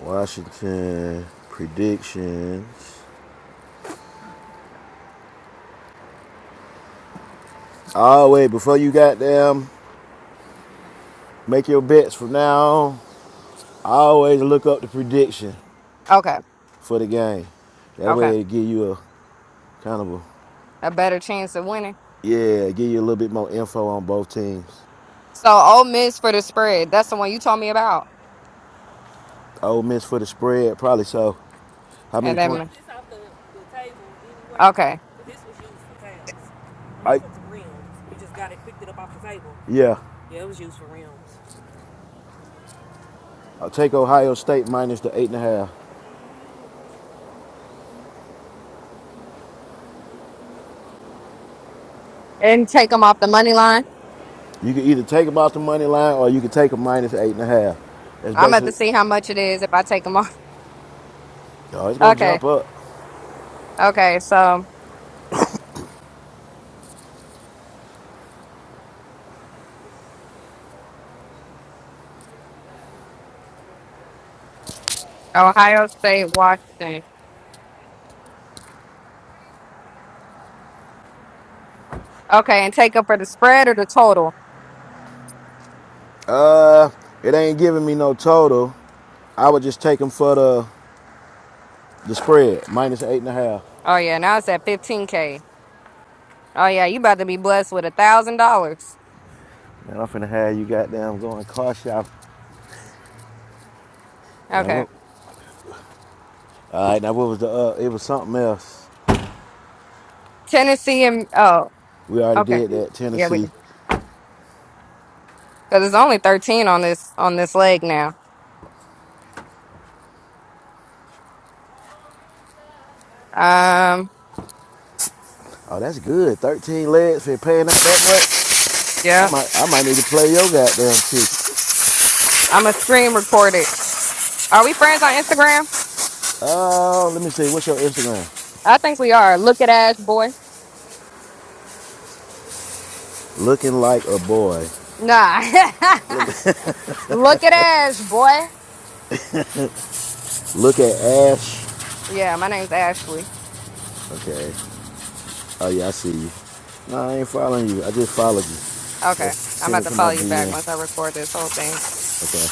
S2: Washington predictions. Oh wait, before you got them, make your bets from now on. I always look up the prediction
S5: Okay,
S2: for the game. That
S5: okay.
S2: way it give you a kind of a
S5: a better chance of winning.
S2: yeah, give you a little bit more info on both teams.
S5: So Ole Miss for the spread. That's the one you told me about.
S2: Ole Miss for the spread, probably so. How many
S5: And
S2: points?
S5: then
S2: I off the, the table, didn't work.
S5: okay,
S2: This was used for pounds. I, for real. We just got it, picked it up off the table. yeah. I'll take Ohio State minus the eight and a half.
S5: and take them off the money line.
S2: You can either take them off the money line or you can take them minus eight and a half. That's
S5: I'm at to
S2: basically
S5: see how much it is if I take them *laughs* off.
S2: oh, it's gonna
S5: Okay,
S2: jump up.
S5: okay. So Ohio State, Washington. Okay, and take them for the spread or the total.
S2: Uh, it ain't giving me no total. I would just take them for the the spread, minus eight and a half.
S5: Oh yeah, now it's at 15k. Oh yeah, you about to be blessed with a thousand dollars.
S2: Man, I'm finna have you goddamn going car shop. Now
S5: Okay,
S2: what? All right, now what was the? Uh, it was something else.
S5: Tennessee and oh
S2: We already
S5: okay,
S2: did that
S5: yeah,
S2: Tennessee.
S5: because it's only 13 on this on this leg now. Um,
S2: Oh, that's good. Thirteen legs for paying out that much.
S5: yeah,
S2: I might, I might need to play your goddamn shit.
S5: I'm a screen record it. Are we friends on Instagram?
S2: Oh, uh, let me see. What's your Instagram?
S5: I think we are. Look at Ash boy.
S2: Looking like a boy.
S5: Nah.
S2: Let me
S5: *laughs* Look at Ash boy.
S2: look at Ash.
S5: Yeah, my name's Ashley.
S2: Okay. Oh yeah, I see you. No, I ain't following you. I just followed you. Just
S5: Okay. I'm
S2: send
S5: about
S2: it
S5: to
S2: to my
S5: follow you back
S2: DM.
S5: once I record this whole thing.
S2: Okay.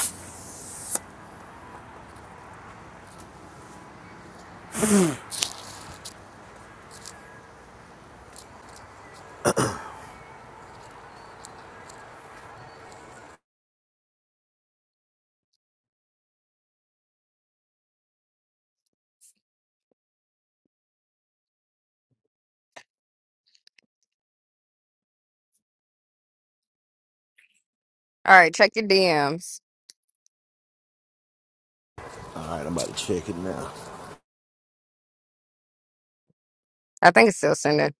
S5: All right, check your DMs.
S2: All right, I'm about to check it now.
S5: I think it's still sending.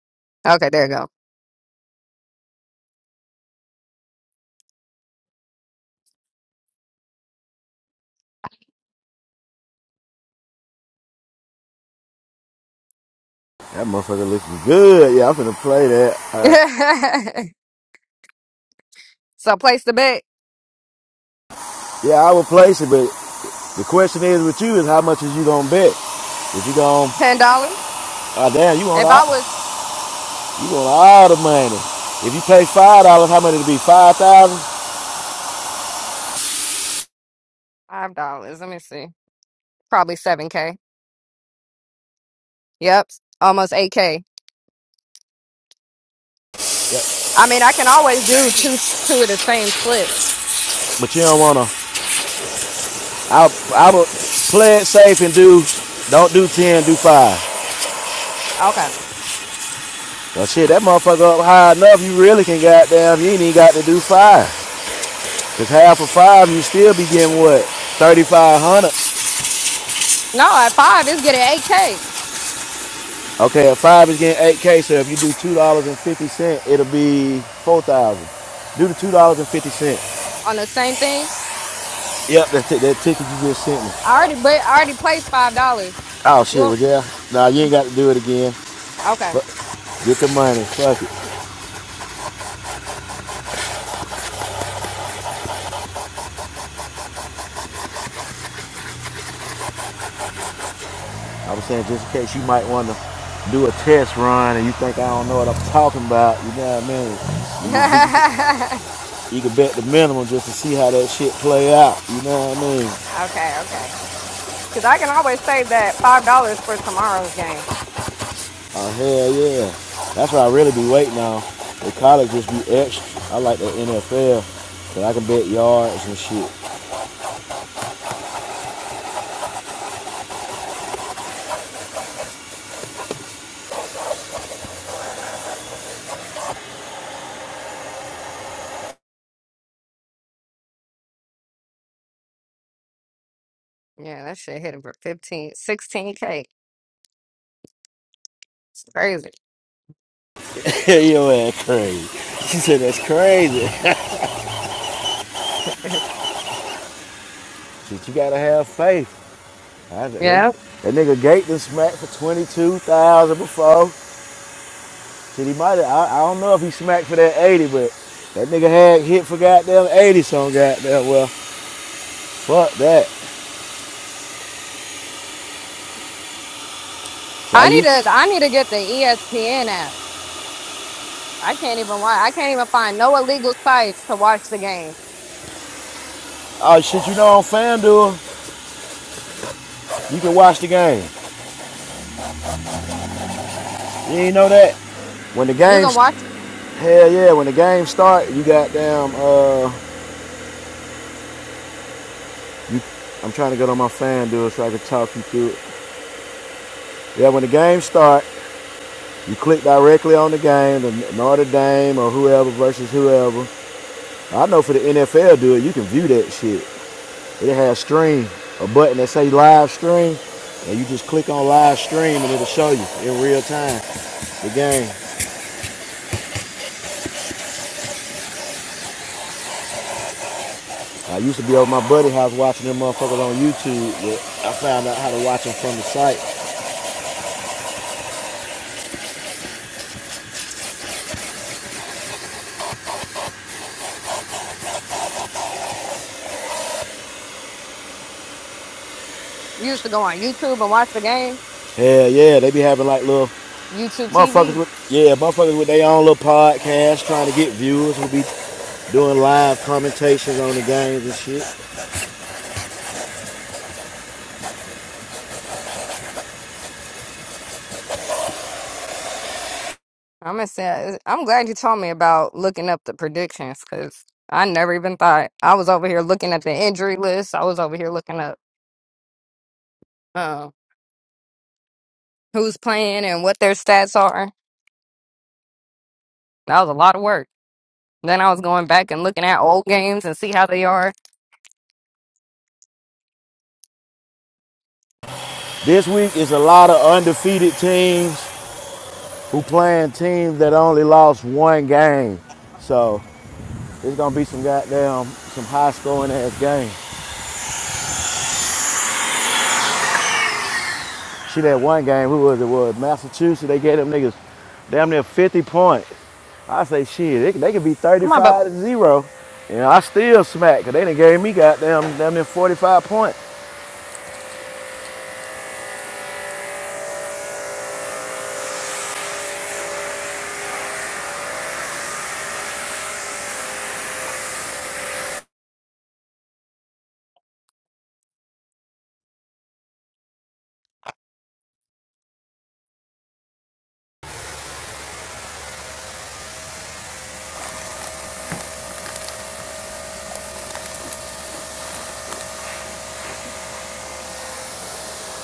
S5: Okay, there you go.
S2: That motherfucker looking good. Yeah, I'm finna play that. Uh,
S5: *laughs* so place the bet.
S2: yeah, I would place it, but the question is with you is how much is you gonna bet? If you gonna,
S5: Ten dollars?
S2: oh damn, you want
S5: If
S2: all,
S5: I was
S2: you want all the money. If you pay five dollars, how much it be? Five thousand.
S5: five dollars, let me see. Probably seven K. Yep. Almost eight K.
S2: Yeah,
S5: I mean I can always do
S1: Damn.
S5: two two of the same flip.
S2: But you don't wanna. I I would play it safe and do, don't do ten, do five.
S5: Okay.
S2: Well, shit, that motherfucker up high enough, you really can goddamn, you ain't even got to do five. Because half of five, you still be getting what? 3500
S5: No, at five it's getting eight K.
S2: Okay, a five is getting 8K, so if you do $2.50, it'll be 4000 Do the $2.50.
S5: on the same thing.
S2: Yep, that, ti- that ticket you just sent me.
S5: I already, but I already placed five dollars.
S2: Oh,
S5: You
S2: shit,
S5: want?
S2: well, yeah. Nah, you ain't got to do it again.
S5: Okay,
S2: Get the money. Fuck it. I was saying, just in case you might want to do a test run and you think I don't know what I'm talking about, you know what I
S5: *laughs*
S2: mean? You, just be- You can bet the minimum just to see how that shit play out. You know what I mean?
S5: okay, okay. Because I can always save that five dollars for tomorrow's game.
S2: Oh hell yeah. That's what I really be waiting on. The college just be extra. I like the NFL. But I can bet yards and shit.
S5: Yeah, that shit hit for 15, 16 k. It's crazy.
S2: *laughs* Your ass crazy. She said that's crazy. *laughs* Shit, you gotta have faith. I said,
S5: Yeah,
S2: that, that nigga Gate done smacked for 22,000 before. Shit, he might have, I, I don't know if he smacked for that 80, but that nigga had hit for goddamn 80 some goddamn well. Fuck that. So I
S5: I need
S2: used
S5: to. I need to get the ESPN app. I can't even watch. I can't even find no illegal sites to watch the game.
S2: Oh shit, you know on FanDuel, you can watch the game. You ain't know that? When the
S5: You
S2: game,
S5: can watch.
S2: hell yeah, when the game start, you got damn, uh, you, I'm trying to get on my FanDuel so I can talk you through it. Yeah, when the game start, you click directly on the game, the Notre Dame or whoever versus whoever. I know for the NFL, dude, you can view that shit. It has stream, a button that say live stream, and you just click on live stream and it'll show you in real time the game. I used to be over my buddy's house watching them motherfuckers on YouTube, but I found out how to watch them from the site.
S5: You should go on YouTube and watch the game.
S2: Hell yeah, they be having like little
S5: YouTube TV.
S2: motherfuckers with yeah, motherfuckers with their own little podcast trying to get viewers who be doing live commentations on the games and shit.
S5: I'm gonna say, I'm glad you told me about looking up the predictions because I never even thought I was over here looking at the injury list. I was over here looking up uh, who's playing and what their stats are. That was a lot of work. Then I was going back and looking at old games and see how they are.
S2: This week is a lot of undefeated teams who playing teams that only lost one game. So it's gonna be some goddamn some high scoring ass game. Shit, that one game, who was it? Was Massachusetts? They gave them niggas damn near 50 points. I say, shit, they, they could be
S5: Come on, bub.
S2: 35 to zero. And I still smack, because they done gave me goddamn damn near 45 points.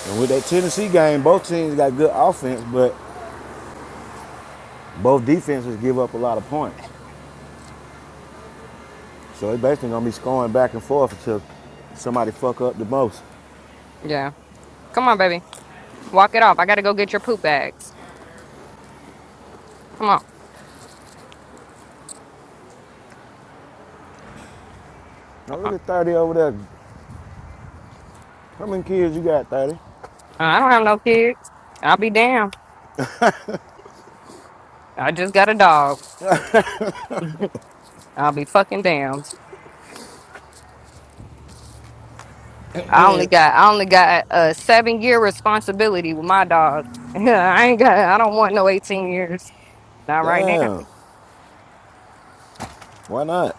S2: And with that Tennessee game, both teams got good offense, but both defenses give up a lot of points. So it's basically going to be scoring back and forth until somebody fuck up the most.
S5: Yeah, come on, baby. Walk it off. I gotta go get your poop bags. Come on.
S2: Now look
S5: Uh,
S2: at 30 over there. How many kids you got, 30?
S5: I don't have no kids. I'll be damned. I just got a dog. *laughs* I'll be fucking damned.
S2: *coughs* *clears throat*
S5: I only got I only got a seven year responsibility with my dog. *laughs* I ain't got I don't want no eighteen years. Not right now.
S2: Damn, why not?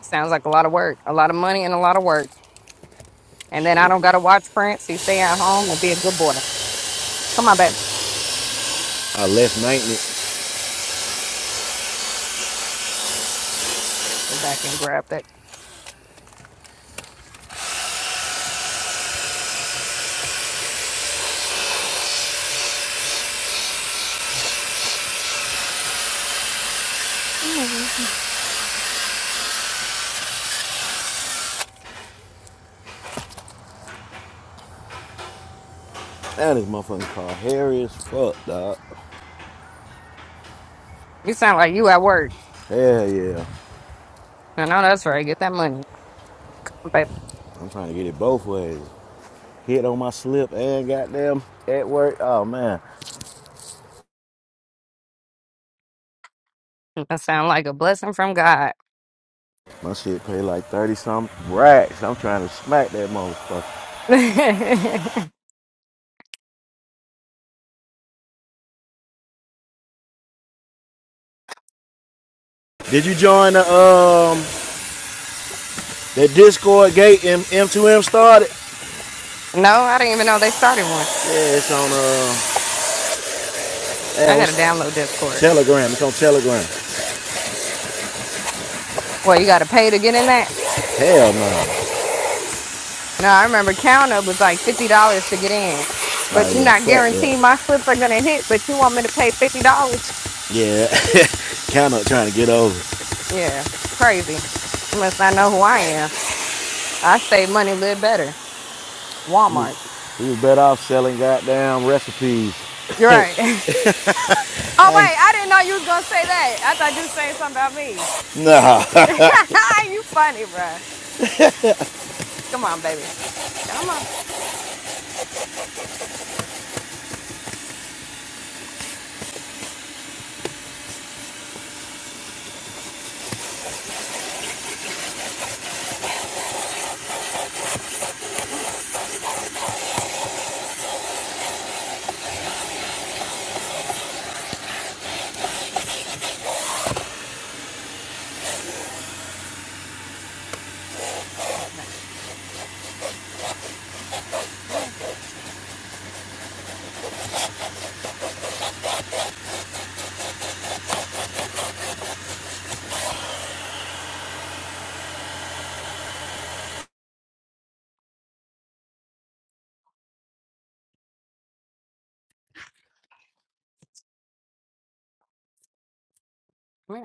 S5: Sounds like a lot of work, a lot of money, and a lot of work. And then I
S2: Shit.
S5: don't gotta watch Prince. He stay at home and be a good boy. Come on back,
S2: I left maintenance.
S5: go back and grab that. You
S2: That is motherfucking car hairy as fuck, dog.
S5: sound like you at work.
S2: Hell yeah.
S5: I know that's right. Get that money, babe.
S2: I'm trying to get it both ways. hit on my slip and goddamn at work. Oh man,
S5: That sound like a blessing from God.
S2: my shit paid like thirty some racks. I'm trying to smack that motherfucker.
S5: *laughs* no, I
S2: Did you join the um the Discord gate and M2M started?
S5: didn't even know they started one.
S2: Yeah, it's on uh yeah,
S5: I gotta
S2: what's
S5: download Discord.
S2: Telegram? It's on Telegram.
S5: Well, you gotta pay to get in that.
S2: Hell no.
S5: No, I remember counter was like fifty dollars to get in, but
S2: Oh
S5: you're
S2: yeah,
S5: not
S2: fuck
S5: guaranteed
S2: that.
S5: my slips are gonna hit. But you want me to pay fifty dollars?
S2: Yeah, *laughs* kind of trying to get over.
S5: Yeah, crazy. Unless I know who I am, I say money live better.
S2: We
S5: Walmart.
S2: we was better off selling goddamn recipes.
S5: You're right. *laughs* oh wait,
S2: I ain't,
S5: I didn't know you was gonna say that. I thought you was saying something about me.
S2: nah,
S5: *laughs* you funny, bruh. Come on, baby. Come on. Come on. Come on. Come on.